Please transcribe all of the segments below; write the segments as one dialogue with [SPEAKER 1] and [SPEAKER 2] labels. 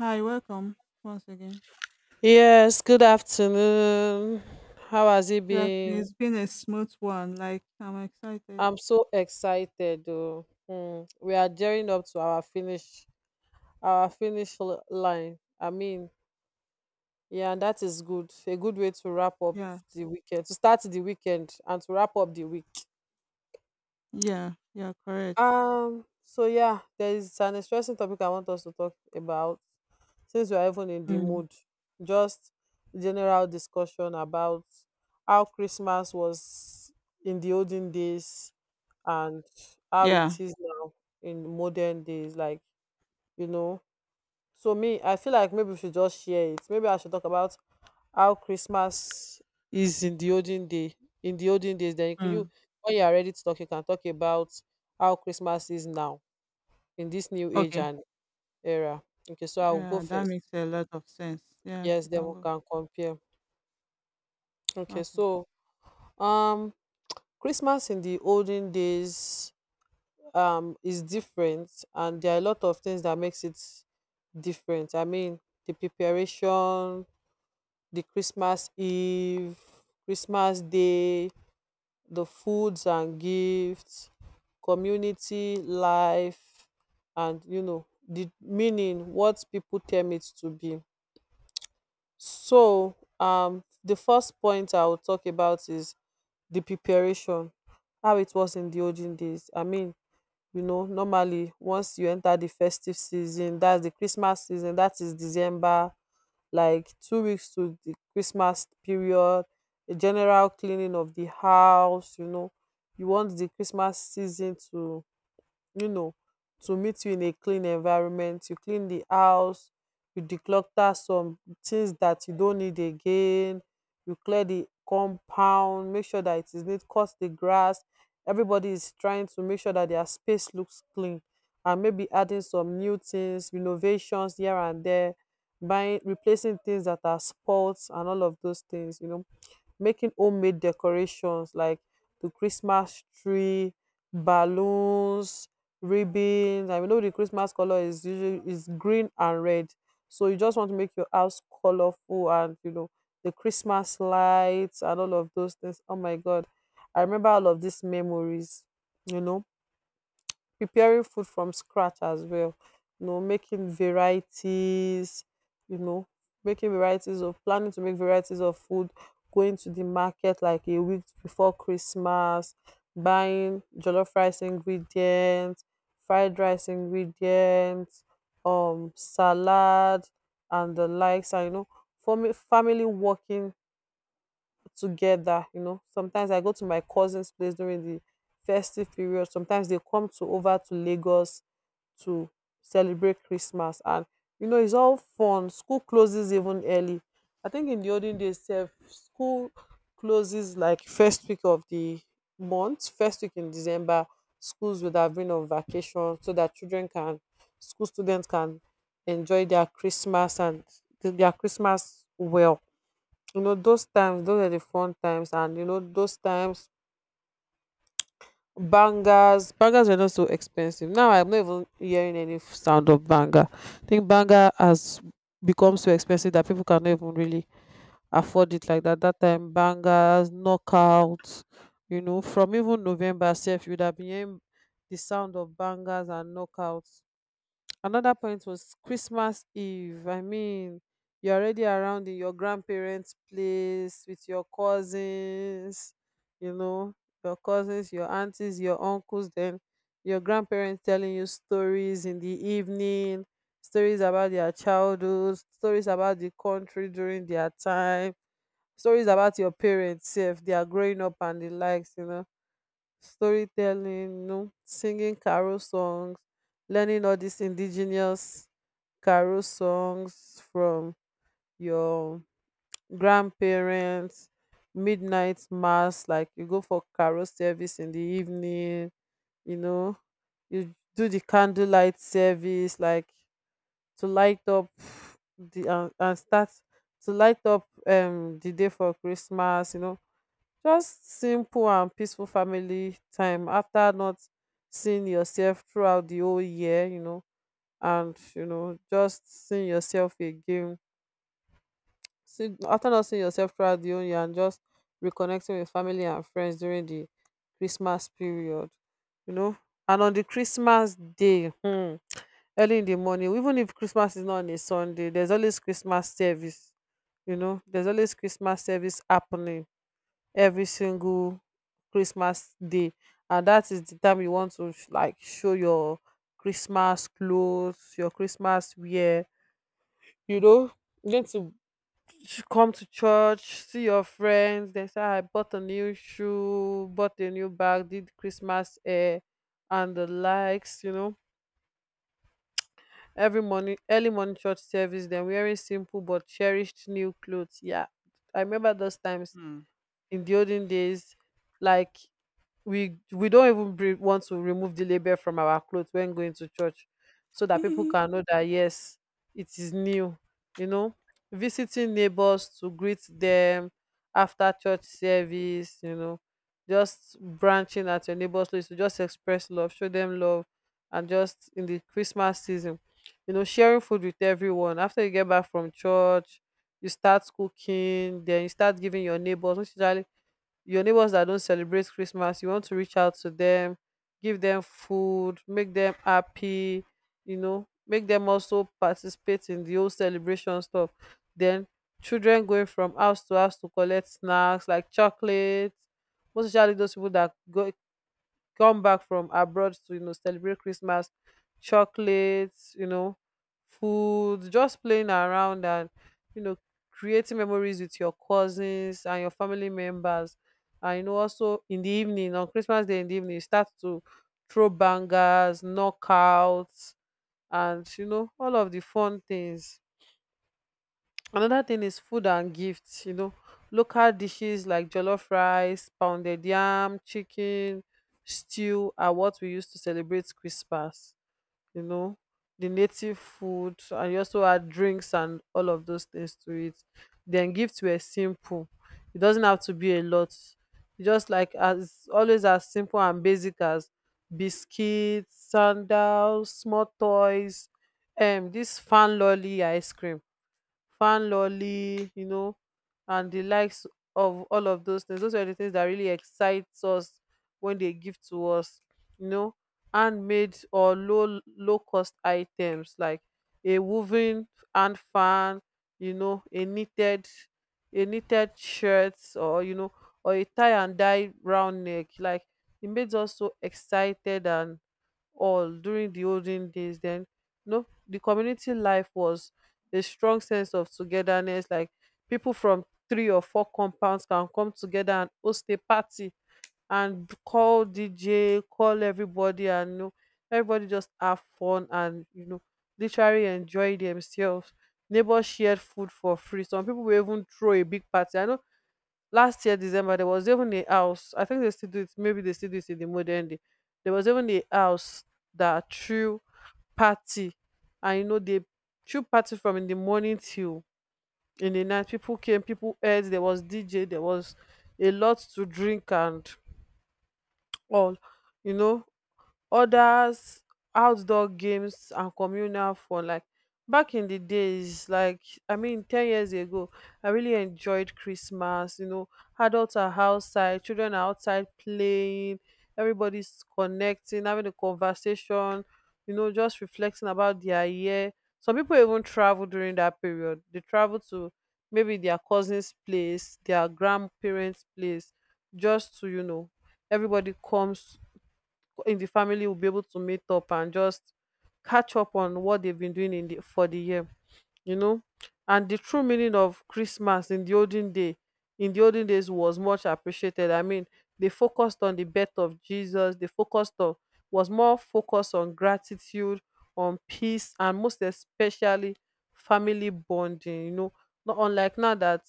[SPEAKER 1] Hi, welcome once again.
[SPEAKER 2] Yes, good afternoon. How has it
[SPEAKER 1] Good afternoon.
[SPEAKER 2] been?
[SPEAKER 1] It's been a smooth one. Like I'm excited.
[SPEAKER 2] I'm so excited though. Hmm, we are gearing up to our finish line. And that is good. A good way to wrap up
[SPEAKER 1] Yeah,
[SPEAKER 2] the weekend, to start the weekend and to wrap up the week.
[SPEAKER 1] yeah, yeah. Correct.
[SPEAKER 2] There is an interesting topic I want us to talk about, since we are even in the
[SPEAKER 1] Mm.
[SPEAKER 2] mood. Just general discussion about how Christmas was in the olden days and how it
[SPEAKER 1] Yeah.
[SPEAKER 2] is now in modern days. You know, so me, I feel like maybe we should just share it. Maybe I should talk about how Christmas is in the olden day. In the olden days, then
[SPEAKER 1] Mm.
[SPEAKER 2] when you are ready to talk, you can talk about how Christmas is now in this new age
[SPEAKER 1] Okay.
[SPEAKER 2] and era. Okay, so I will go
[SPEAKER 1] Yeah, that makes
[SPEAKER 2] first.
[SPEAKER 1] a lot of sense. Yeah,
[SPEAKER 2] Yes,
[SPEAKER 1] you
[SPEAKER 2] then
[SPEAKER 1] can
[SPEAKER 2] we
[SPEAKER 1] go.
[SPEAKER 2] can compare. Okay,
[SPEAKER 1] Okay.
[SPEAKER 2] so um Christmas in the olden days is different, and there are a lot of things that makes it different. I mean the preparation, the Christmas Eve, Christmas Day, the foods and gifts, community life, and you know the meaning what people term it to be. So the first point I will talk about is the preparation, how it was in the olden days. I mean, you know, normally once you enter the festive season, that's the Christmas season, that is December, like 2 weeks to the Christmas period, a general cleaning of the house. You want the Christmas season to, you know, to meet you in a clean environment. You clean the house, you declutter some things that you don't need again, you clear the compound, make sure that it is neat, cut the grass. Everybody is trying to make sure that their space looks clean and maybe adding some new things, renovations here and there, buying, replacing things that are spoilt and all of those things, you know, making homemade decorations like the Christmas tree, balloons, ribbons. I know the Christmas color is usually is green and red. So you just want to make your house colorful, and you know, the Christmas lights and all of those things. Oh my god. I remember all of these memories, you know, preparing food from scratch as well. You know, making varieties, you know, making varieties of, planning to make varieties of food, going to the market like a week before Christmas, buying jollof rice ingredients, fried rice ingredients, salad and the likes. And you know, family working together. You know, sometimes I go to my cousin's place during the festive period. Sometimes they come to over to Lagos to celebrate Christmas, and you know it's all fun. School closes even early. I think in the olden days, sef, school closes like first week of the month, first week in December. Schools would have been on vacation so that school students can enjoy their Christmas and their Christmas well. You know, those times, those are the fun times, and you know, those times bangers were not so expensive. Now I'm not even hearing any sound of banger. I think banger has become so expensive that people cannot even really afford it like that. That time bangers, knockouts, you know, from even November self, you'd have been hearing the sound of bangers and knockouts. Another point was Christmas Eve. I mean, you're already around in your grandparents place with your cousins, you know, your cousins, your aunties, your uncles, then your grandparents telling you stories in the evening, stories about their childhood, stories about the country during their time, stories about your parents if they are growing up and the likes, you know, storytelling, you know, singing carol songs, learning all these indigenous carol songs from your grandparents, midnight mass, like you go for carol service in the evening, you know, you do the candlelight service, like to light up the and start to light up the day for Christmas, you know, just simple and peaceful family time after not seeing yourself throughout the whole year, just seeing yourself again. See, after not seeing yourself throughout the whole year and just reconnecting with family and friends during the Christmas period, you know. And on the Christmas day, hmm, early in the morning, even if Christmas is not on a Sunday, there's always Christmas service. You know, there's always Christmas service happening every single Christmas day, and that is the time you want to like show your Christmas clothes, your Christmas wear. You know, you need to come to church, see your friends. They say I bought a new shoe, bought a new bag, did Christmas hair, and the likes. You know, every morning, early morning church service. Then wearing simple but cherished new clothes. Yeah, I remember those times
[SPEAKER 1] Mm.
[SPEAKER 2] in the olden days, like we don't even want to remove the label from our clothes when going to church so that people
[SPEAKER 1] Mhm.
[SPEAKER 2] can know that yes it is new, you know, visiting neighbors to greet them after church service, you know, just branching at your neighbors place to just express love, show them love, and just in the Christmas season, you know, sharing food with everyone after you get back from church, you start cooking, then you start giving your neighbors, which usually your neighbors that don't celebrate Christmas, you want to reach out to them, give them food, make them happy, you know, make them also participate in the whole celebration stuff. Then children going from house to house to collect snacks like chocolate, most especially those people that go come back from abroad to, you know, celebrate Christmas, chocolates, you know, food, just playing around, and you know, creating memories with your cousins and your family members. And you know also in the evening on Christmas Day, in the evening you start to throw bangers, knockouts, and you know all of the fun things. Another thing is food and gifts. You know, local dishes like jollof rice, pounded yam, chicken, stew are what we use to celebrate Christmas, you know, the native food, and you also add drinks and all of those things to it. Then gifts were simple. It doesn't have to be a lot. Just like, as always, as simple and basic as biscuits, sandals, small toys, this fan lolly ice cream, fan lolly, you know, and the likes of all of those things. Those are the things that really excites us when they give to us, you know, handmade or low cost items like a woven hand fan, you know, a knitted shirt, or you know, or a tie and dye round neck. Like it made us so excited and all during the olden days. Then, you know, the community life was a strong sense of togetherness, like people from three or four compounds can come together and host a party and call DJ, call everybody, and you know, everybody just have fun and, you know, literally enjoy themselves. Neighbors shared food for free. Some people will even throw a big party. I know last year December there was even a house. I think they still do it. Maybe they still do it in the modern day. There was even a house that threw party, and you know they threw party from in the morning till in the night. People came, people ate. There was DJ. There was a lot to drink and all. You know, others, outdoor games and communal fun, like back in the days like, I mean, 10 years ago, I really enjoyed Christmas. You know, adults are outside, children are outside playing, everybody's connecting, having a conversation, you know, just reflecting about their year. Some people even travel during that period, they travel to maybe their cousin's place, their grandparents place, just to, you know, everybody comes in the family will be able to meet up and just catch up on what they've been doing in the for the year, you know. And the true meaning of Christmas in the olden day, in the olden days was much appreciated. I mean, they focused on the birth of Jesus, they focused on, was more focused on gratitude, on peace, and most especially family bonding, you know, not unlike now that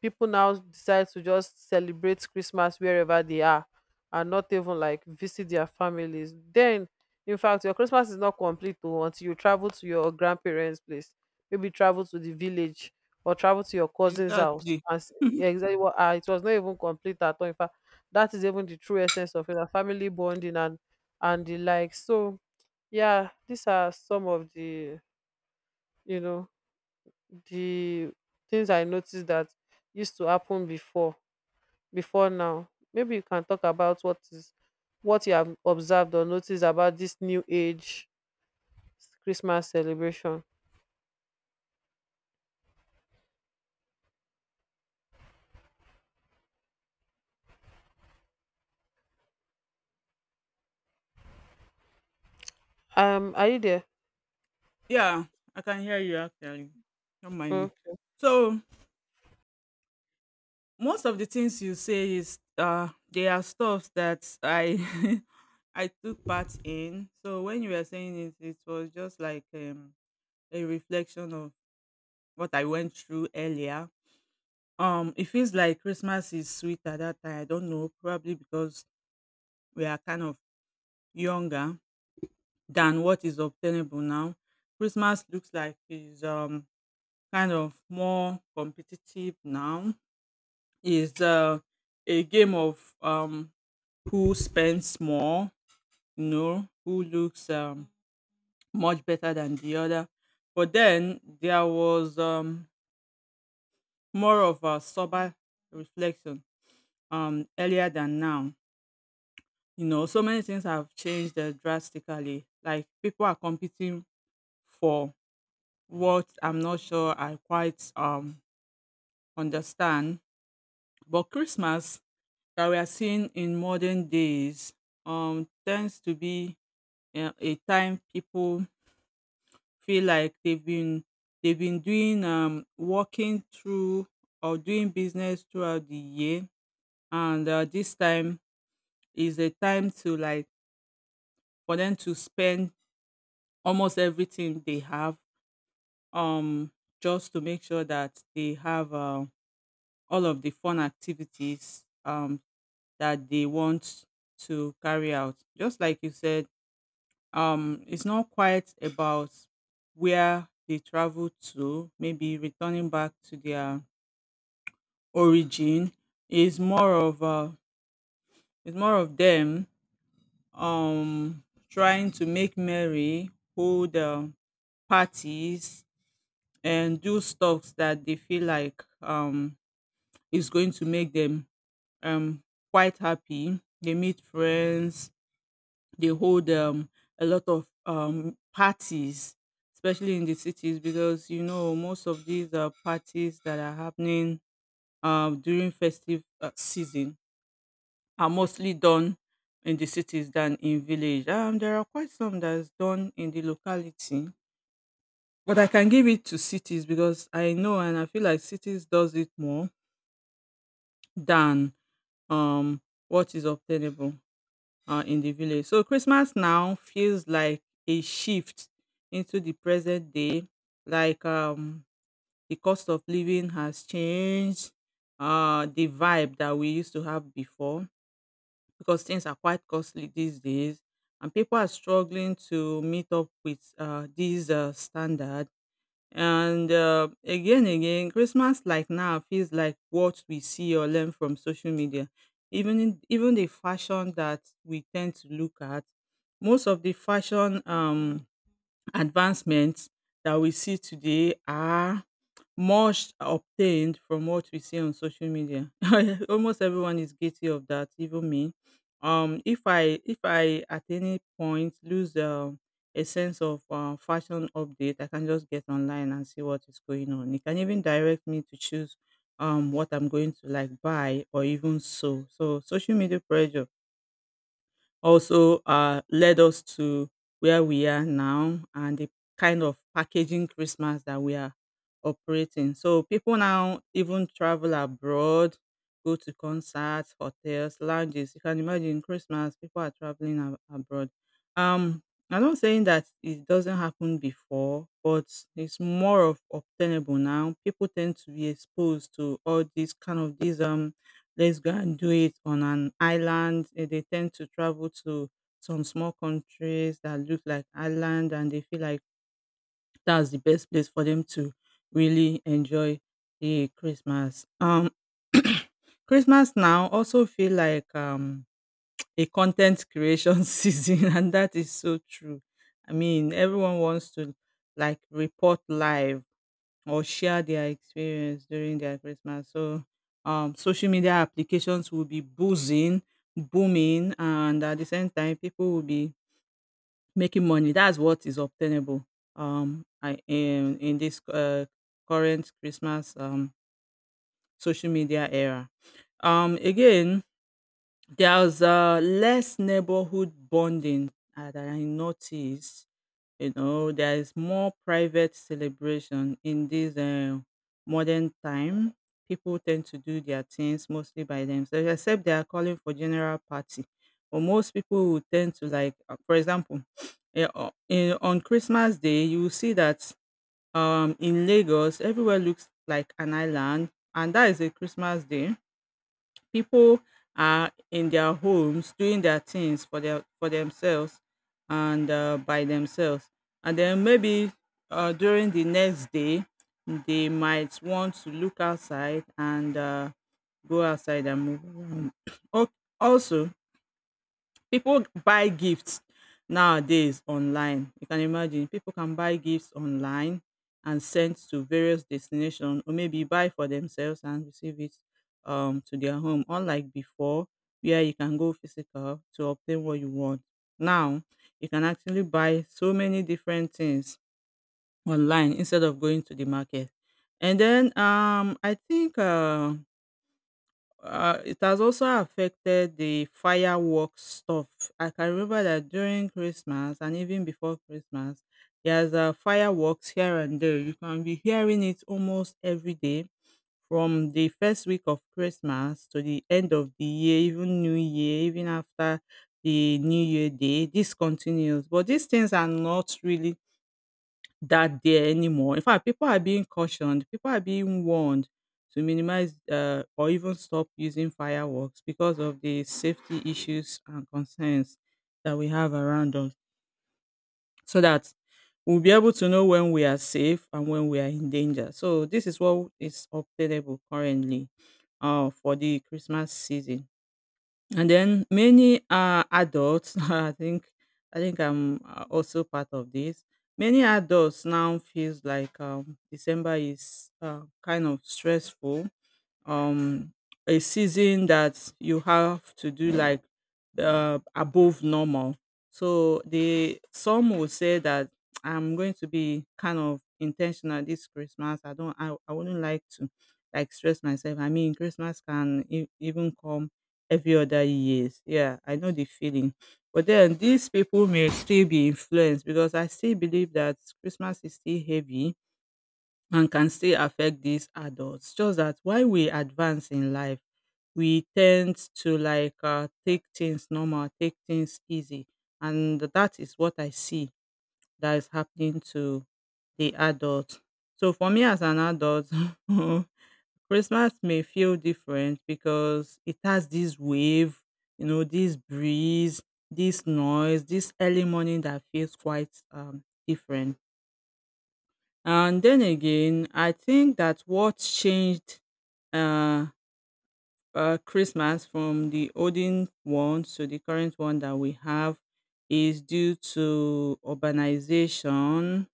[SPEAKER 2] people now decide to just celebrate Christmas wherever they are and not even like visit their families. Then, in fact, your Christmas is not complete though, until you travel to your grandparents' place, maybe travel to the village or travel to your cousin's house.
[SPEAKER 1] Exactly.
[SPEAKER 2] Yeah, exactly what, ah, it was not even complete at all. In fact, that is even the true essence of it, a family bonding and the like. So yeah, these are some of the, you know, the things I noticed that used to happen before, before now. Maybe you can talk about what you have observed or noticed about this new age Christmas celebration. Are you there?
[SPEAKER 1] Yeah, I can hear you actually. Don't mind
[SPEAKER 2] Mm.
[SPEAKER 1] me. So most of the things you say is they are stuff that I I took part in. So when you were saying it, it was just like a reflection of what I went through earlier. It feels like Christmas is sweet at that time. I don't know, probably because we are kind of younger than what is obtainable now. Christmas looks like is kind of more competitive now. Is a game of who spends more, who looks much better than the other. But then there was more of a sober reflection earlier than now. So many things have changed, drastically. Like people are competing for what I'm not sure I quite understand. But Christmas that we are seeing in modern days tends to be a time people feel like they've been doing, working through or doing business throughout the year. And this time is a time to, like, for them to spend almost everything they have, um just to make sure that they have all of the fun activities that they want to carry out. Just like you said, it's not quite about where they travel to, maybe returning back to their origin. Is more of It's more of them um trying to make merry, hold parties, and do stuffs that they feel like is going to make them um quite happy. They meet friends, they hold a lot of parties, especially in the cities. Because most of these parties that are happening during festive season are mostly done in the cities than in village. There are quite some that's done in the locality, but I can give it to cities because I know and I feel like cities does it more than um what is obtainable in the village. So Christmas now feels like a shift into the present day. Like, the cost of living has changed, the vibe that we used to have before, because things are quite costly these days and people are struggling to meet up with these standards. And, again, Christmas, like, now feels like what we see or learn from social media. Even the fashion that we tend to look at, most of the fashion, advancements that we see today are much obtained from what we see on social media. Almost everyone is guilty of that, even me. If I at any point lose a sense of fashion update, I can just get online and see what is going on. It can even direct me to choose what I'm going to, like, buy or even so. So social media pressure also led us to where we are now and the kind of packaging Christmas that we are operating. So people now even travel abroad, go to concerts, hotels, lounges. You can imagine Christmas, people are traveling abroad. Um, I'm not saying that it doesn't happen before, but it's more of obtainable now. People tend to be exposed to all these kind of these let's go and do it on an island. They tend to travel to some small countries that look like island and they feel like that's the best place for them to really enjoy the Christmas. Christmas now also feel like a content creation season, and that is so true. I mean, everyone wants to, like, report live or share their experience during their Christmas. So social media applications will be buzzing, booming, and at the same time, people will be making money. That's what is obtainable in this current Christmas, social media era. Again, there's less neighborhood bonding that I noticed. There is more private celebration in this modern time. People tend to do their things mostly by themselves, except they are calling for general party. But most people would tend to, like, for example, on Christmas Day, you will see that, in Lagos, everywhere looks like an island, and that is a Christmas day. People are in their homes doing their things for themselves and by themselves, and then maybe during the next day they might want to look outside and go outside and move around. Al- Also, people buy gifts nowadays online. You can imagine people can buy gifts online and send to various destinations or maybe buy for themselves and receive it, to their home. Unlike before, where you can go physical to obtain what you want. Now, you can actually buy so many different things online instead of going to the market. And then, I think, it has also affected the fireworks stuff. I can remember that during Christmas and even before Christmas, there's fireworks here and there. You can be hearing it almost every day from the first week of Christmas to the end of the year, even New Year, even after the New Year Day. This continues, but these things are not really that day anymore. In fact, people are being cautioned, people are being warned to minimize, or even stop using fireworks, because of the safety issues and concerns that we have around us, so that we'll be able to know when we are safe and when we are in danger. So, this is what is obtainable currently, for the Christmas season. And then many, adults, I think I'm, also part of this. Many adults now feels like, December is, kind of stressful, um a season that you have to do, like, above normal. So the some will say that I'm going to be kind of intentional this Christmas. I don't I wouldn't like to, like, stress myself. I mean Christmas can even come every other years. Yeah, I know the feeling. But then these people may still be influenced, because I still believe that Christmas is still heavy and can still affect these adults. Just that while we advance in life, we tend to, like, take things normal, take things easy, and that is what I see that is happening to the adults. So for me as an adult, Christmas may feel different because it has this wave, this breeze, this noise, this early morning that feels quite, different. And then again, I think that what changed, uh, Christmas from the olden one to the current one that we have is due to urbanization.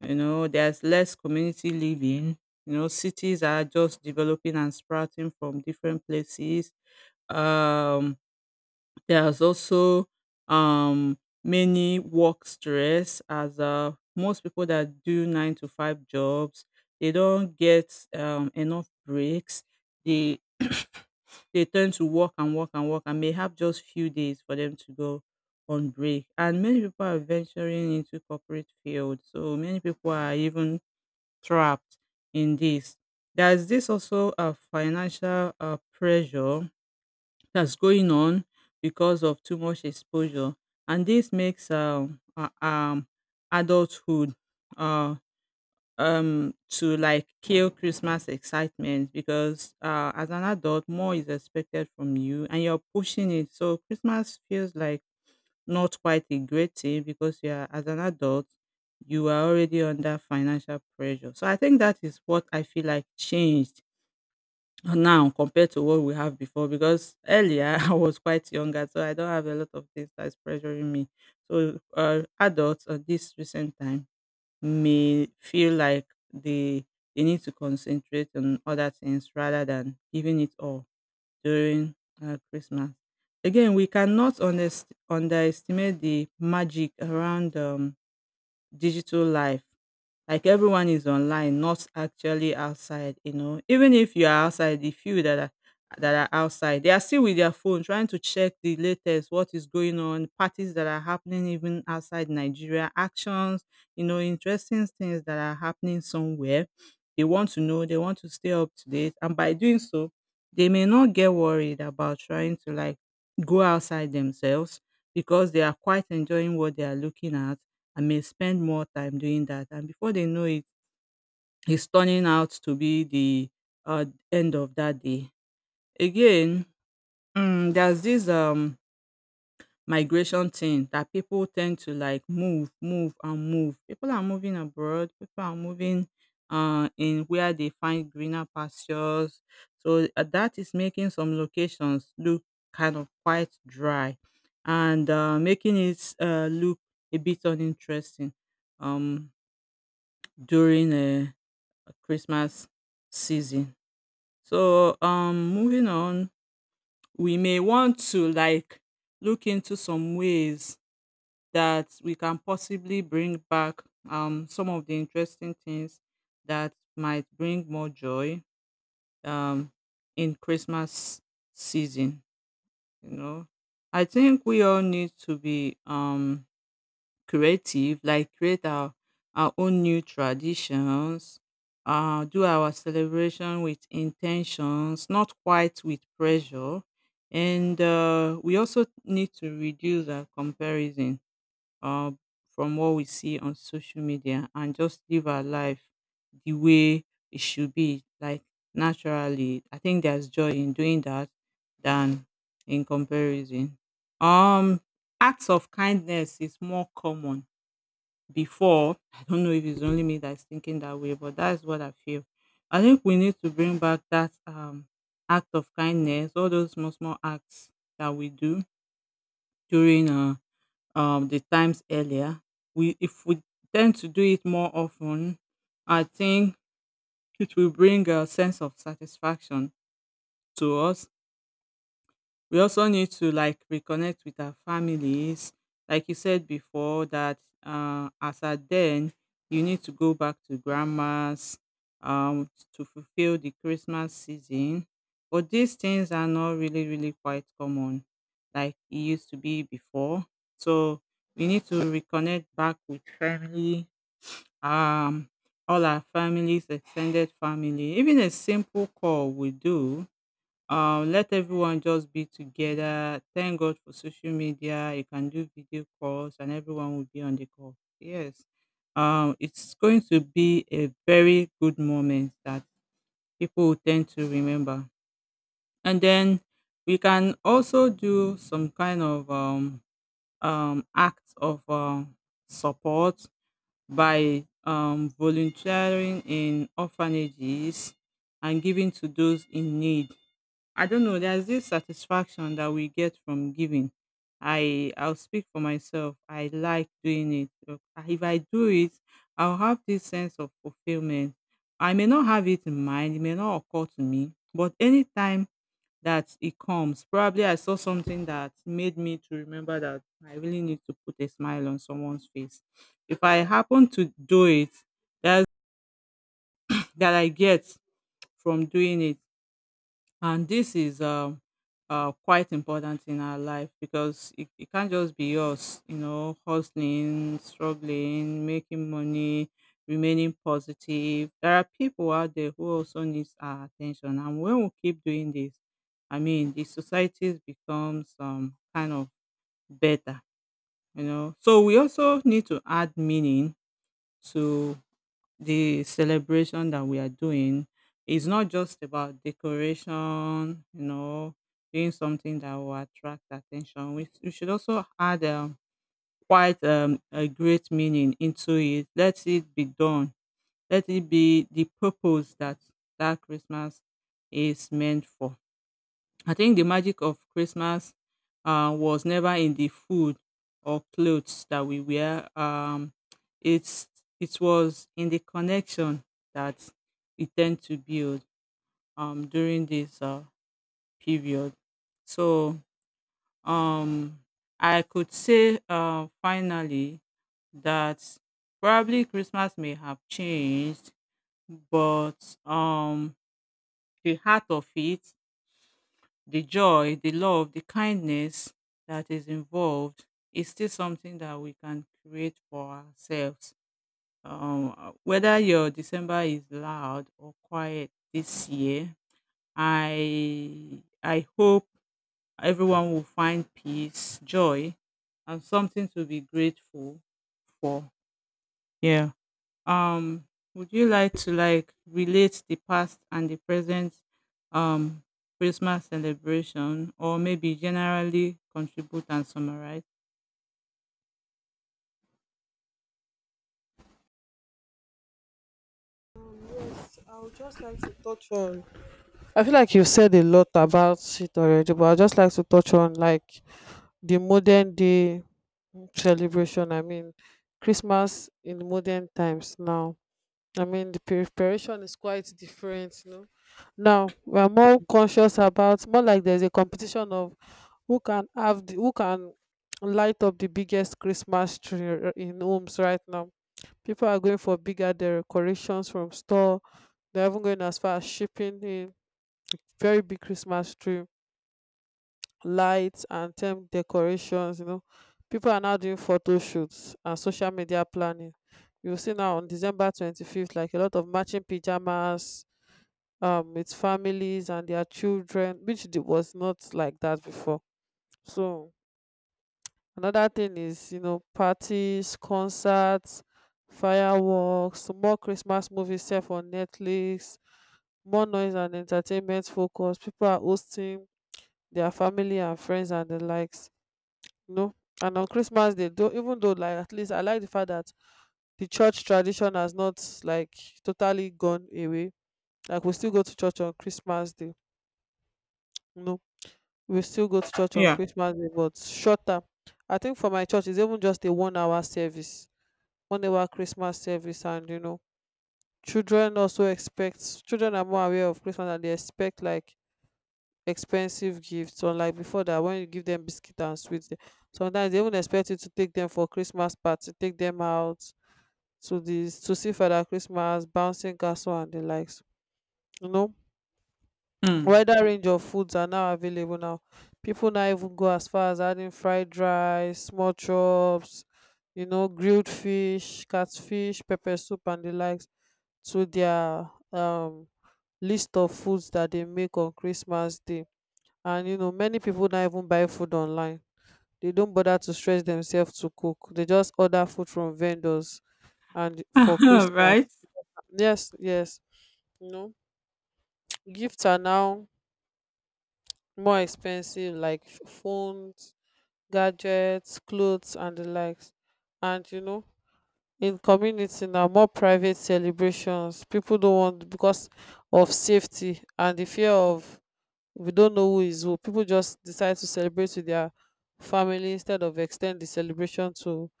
[SPEAKER 1] There's less community living. Cities are just developing and sprouting from different places. Um, there's also um many work stress, as most people that do 9-to-5 jobs, they don't get enough breaks. They they tend to work and work and work and may have just few days for them to go on break. And many people are venturing into corporate field. So many people are even trapped in this. There's this also a financial, pressure that's going on because of too much exposure, and this makes, adulthood, uh to like kill Christmas excitement. Because as an adult, more is expected from you and you're pushing it. So Christmas feels like not quite a great thing because you're as an adult you are already under financial pressure. So I think that is what I feel like changed now compared to what we have before, because earlier I was quite younger, so I don't have a lot of things that is pressuring me. So adults at this recent time may feel like they they need to concentrate on other things rather than giving it all during, Christmas. Again, we cannot underestimate the magic around digital life, like everyone is online, not actually outside, you know, even if you are outside, the few that are outside, they are still with their phone trying to check the latest, what is going on, parties that are happening even outside Nigeria, actions, you know, interesting things that are happening somewhere. They want to know, they want to stay up to date, and by doing so they may not get worried about trying to, like, go outside themselves because they are quite enjoying what they are looking at. I may spend more time doing that. And before they know it, it's turning out to be the uh, end of that day. Again, there's this migration thing that people tend to, like, move, move, and move. People are moving abroad. People are moving in where they find greener pastures. So, that is making some locations look kind of quite dry, and making it, look a bit uninteresting. Um, during a Christmas season. So, moving on, we may want to, like, look into some ways that we can possibly bring back some of the interesting things that might bring more joy um in Christmas season, you know. I think we all need to be creative, like create our own new traditions, do our celebration with intentions, not quite with pressure. And we also need to reduce our comparison uh, from what we see on social media and just live our life the way it should be, like, naturally. I think there's joy in doing that than in comparison. Um, acts of kindness is more common before. I don't know if it's only me that's thinking that way, but that's what I feel. I think we need to bring back that act of kindness, all those small, small acts that we do during the times earlier. We If we tend to do it more often, I think it will bring a sense of satisfaction to us. We also need to, like, reconnect with our families, like you said before, that as at then you need to go back to grandma's, to fulfill the Christmas season. But these things are not really, really quite common like it used to be before. So we need to reconnect back with family, um all our families, extended family. Even a simple call we do, let everyone just be together. Thank God for social media, you can do video calls and everyone will be on the call, yes. It's going to be a very good moment that people will tend to remember. And then we can also do some kind of act of support by volunteering in orphanages and giving to those in need. I don't know. There's this satisfaction that we get from giving. I'll speak for myself. I like doing it. If I do it, I'll have this sense of fulfillment. I may not have it in mind. It may not occur to me, but anytime that it comes, probably I saw something that made me to remember that I really need to put a smile on someone's face. If I happen to do it, that's that I get from doing it. And this is quite important in our life, because it can't just be us, you know, hustling, struggling, making money, remaining positive. There are people out there who also needs our attention, and when we keep doing this, I mean, the society becomes kind of better, you know. So we also need to add meaning to the celebration that we are doing. Is not just about decoration, you know, doing something that will attract attention. We should also add quite a great meaning into it. Let it be done. Let it be the purpose that Christmas is meant for. I think the magic of Christmas was never in the food or clothes that we wear. It's it was in the connection that we tend to build during this period. So um, I could say, finally, that probably Christmas may have changed, but the heart of it, the joy, the love, the kindness that is involved is still something that we can create for ourselves. Whether your December is loud or quiet this year, I hope everyone will find peace, joy, and something to be grateful for. Yeah. Um, would you like to, like, relate the past and the present um Christmas celebration, or maybe generally contribute and summarize?
[SPEAKER 2] I would just like to touch on. I feel like you've said a lot about it already, but I'd just like to touch on like the modern day celebration. I mean, Christmas in modern times now. I mean, the preparation is quite different. Now we are more conscious about, more like, there's a competition of who can light up the biggest Christmas tree in homes right now. People are going for bigger decorations from store. They're even going as far as shipping a very big Christmas tree lights and term decorations. People are now doing photo shoots and social media planning. You see, now on December 25th, like a lot of matching pajamas with families and their children, which was not like that before. So another thing is, parties, concerts, fireworks, more Christmas movies sef on Netflix, more noise and entertainment focus. People are hosting their family and friends and the likes. No, and on Christmas Day though, even though like at least I like the fact that the church tradition has not like totally gone away, like we still go to church on Christmas Day. No, we still go to church on
[SPEAKER 1] Yeah.
[SPEAKER 2] Christmas Day but shorter. I think for my church it's even just a 1 hour service, 1 hour Christmas service. And you know children also expect children are more aware of Christmas and they expect like expensive gifts, unlike before that when you give them biscuit and sweets, sometimes they even expect you to take them for Christmas party, take them out to see Father Christmas, bouncing castle and the likes. You know,
[SPEAKER 1] Mm.
[SPEAKER 2] Wider range of foods are now available now. People now even go as far as adding fried rice, small chops, grilled fish, catfish, pepper soup and the likes to their list of foods that they make on Christmas Day. And many people now even buy food online. They don't bother to stress themselves to cook. They just order food from vendors and for Christmas.
[SPEAKER 1] Right.
[SPEAKER 2] Yes, yes. No, gifts are now more expensive, like phones, gadgets, clothes, and the likes. And in community now, more private celebrations. People don't want because of safety and the fear of, we don't know who is who. People just decide to celebrate with their family instead of extend the celebration to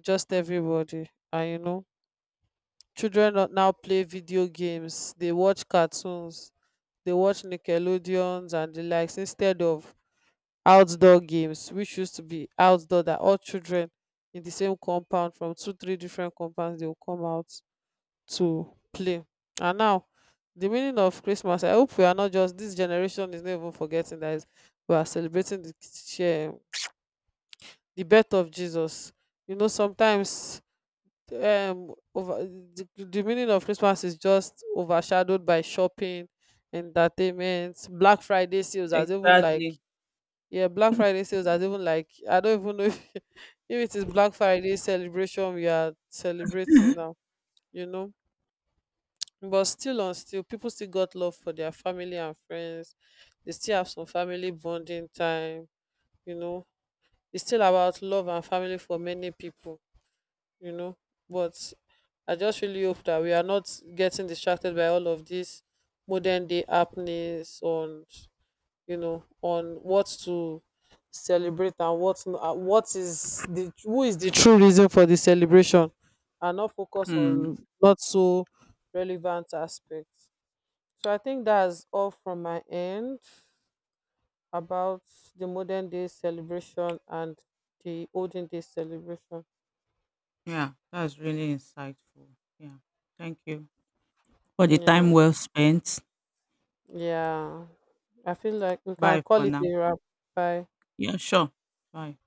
[SPEAKER 2] just everybody. And children now play video games. They watch cartoons, they watch Nickelodeons and the likes instead of outdoor games, which used to be outdoor that all children in the same compound from two, three different compounds they will come out to play. And now, the meaning of Christmas, I hope we are not just, this generation is not even forgetting that we are celebrating the birth of Jesus. Sometimes the meaning of Christmas is just overshadowed by shopping, entertainment, black Friday sales, as even like,
[SPEAKER 1] Exactly.
[SPEAKER 2] yeah, black Friday sales as even like, I don't even know if, if it is black Friday celebration we are celebrating now, you know but still on still people still got love for their family and friends. They still have some family bonding time you know it's still about love and family for many people you know. But I just really hope that we are not getting distracted by all of these modern day happenings on what to celebrate and what is the who is the true reason for the celebration, and not focus
[SPEAKER 1] Hmm.
[SPEAKER 2] on not so relevant aspects. So I think that's all from my end about the modern day celebration and the olden day celebration.
[SPEAKER 1] Yeah, that's really insightful. Yeah. Thank you for the
[SPEAKER 2] Yeah.
[SPEAKER 1] time well spent.
[SPEAKER 2] Yeah. I feel like we can
[SPEAKER 1] Bye
[SPEAKER 2] call
[SPEAKER 1] for
[SPEAKER 2] it
[SPEAKER 1] now.
[SPEAKER 2] a wrap. Bye.
[SPEAKER 1] Yeah, sure. Bye.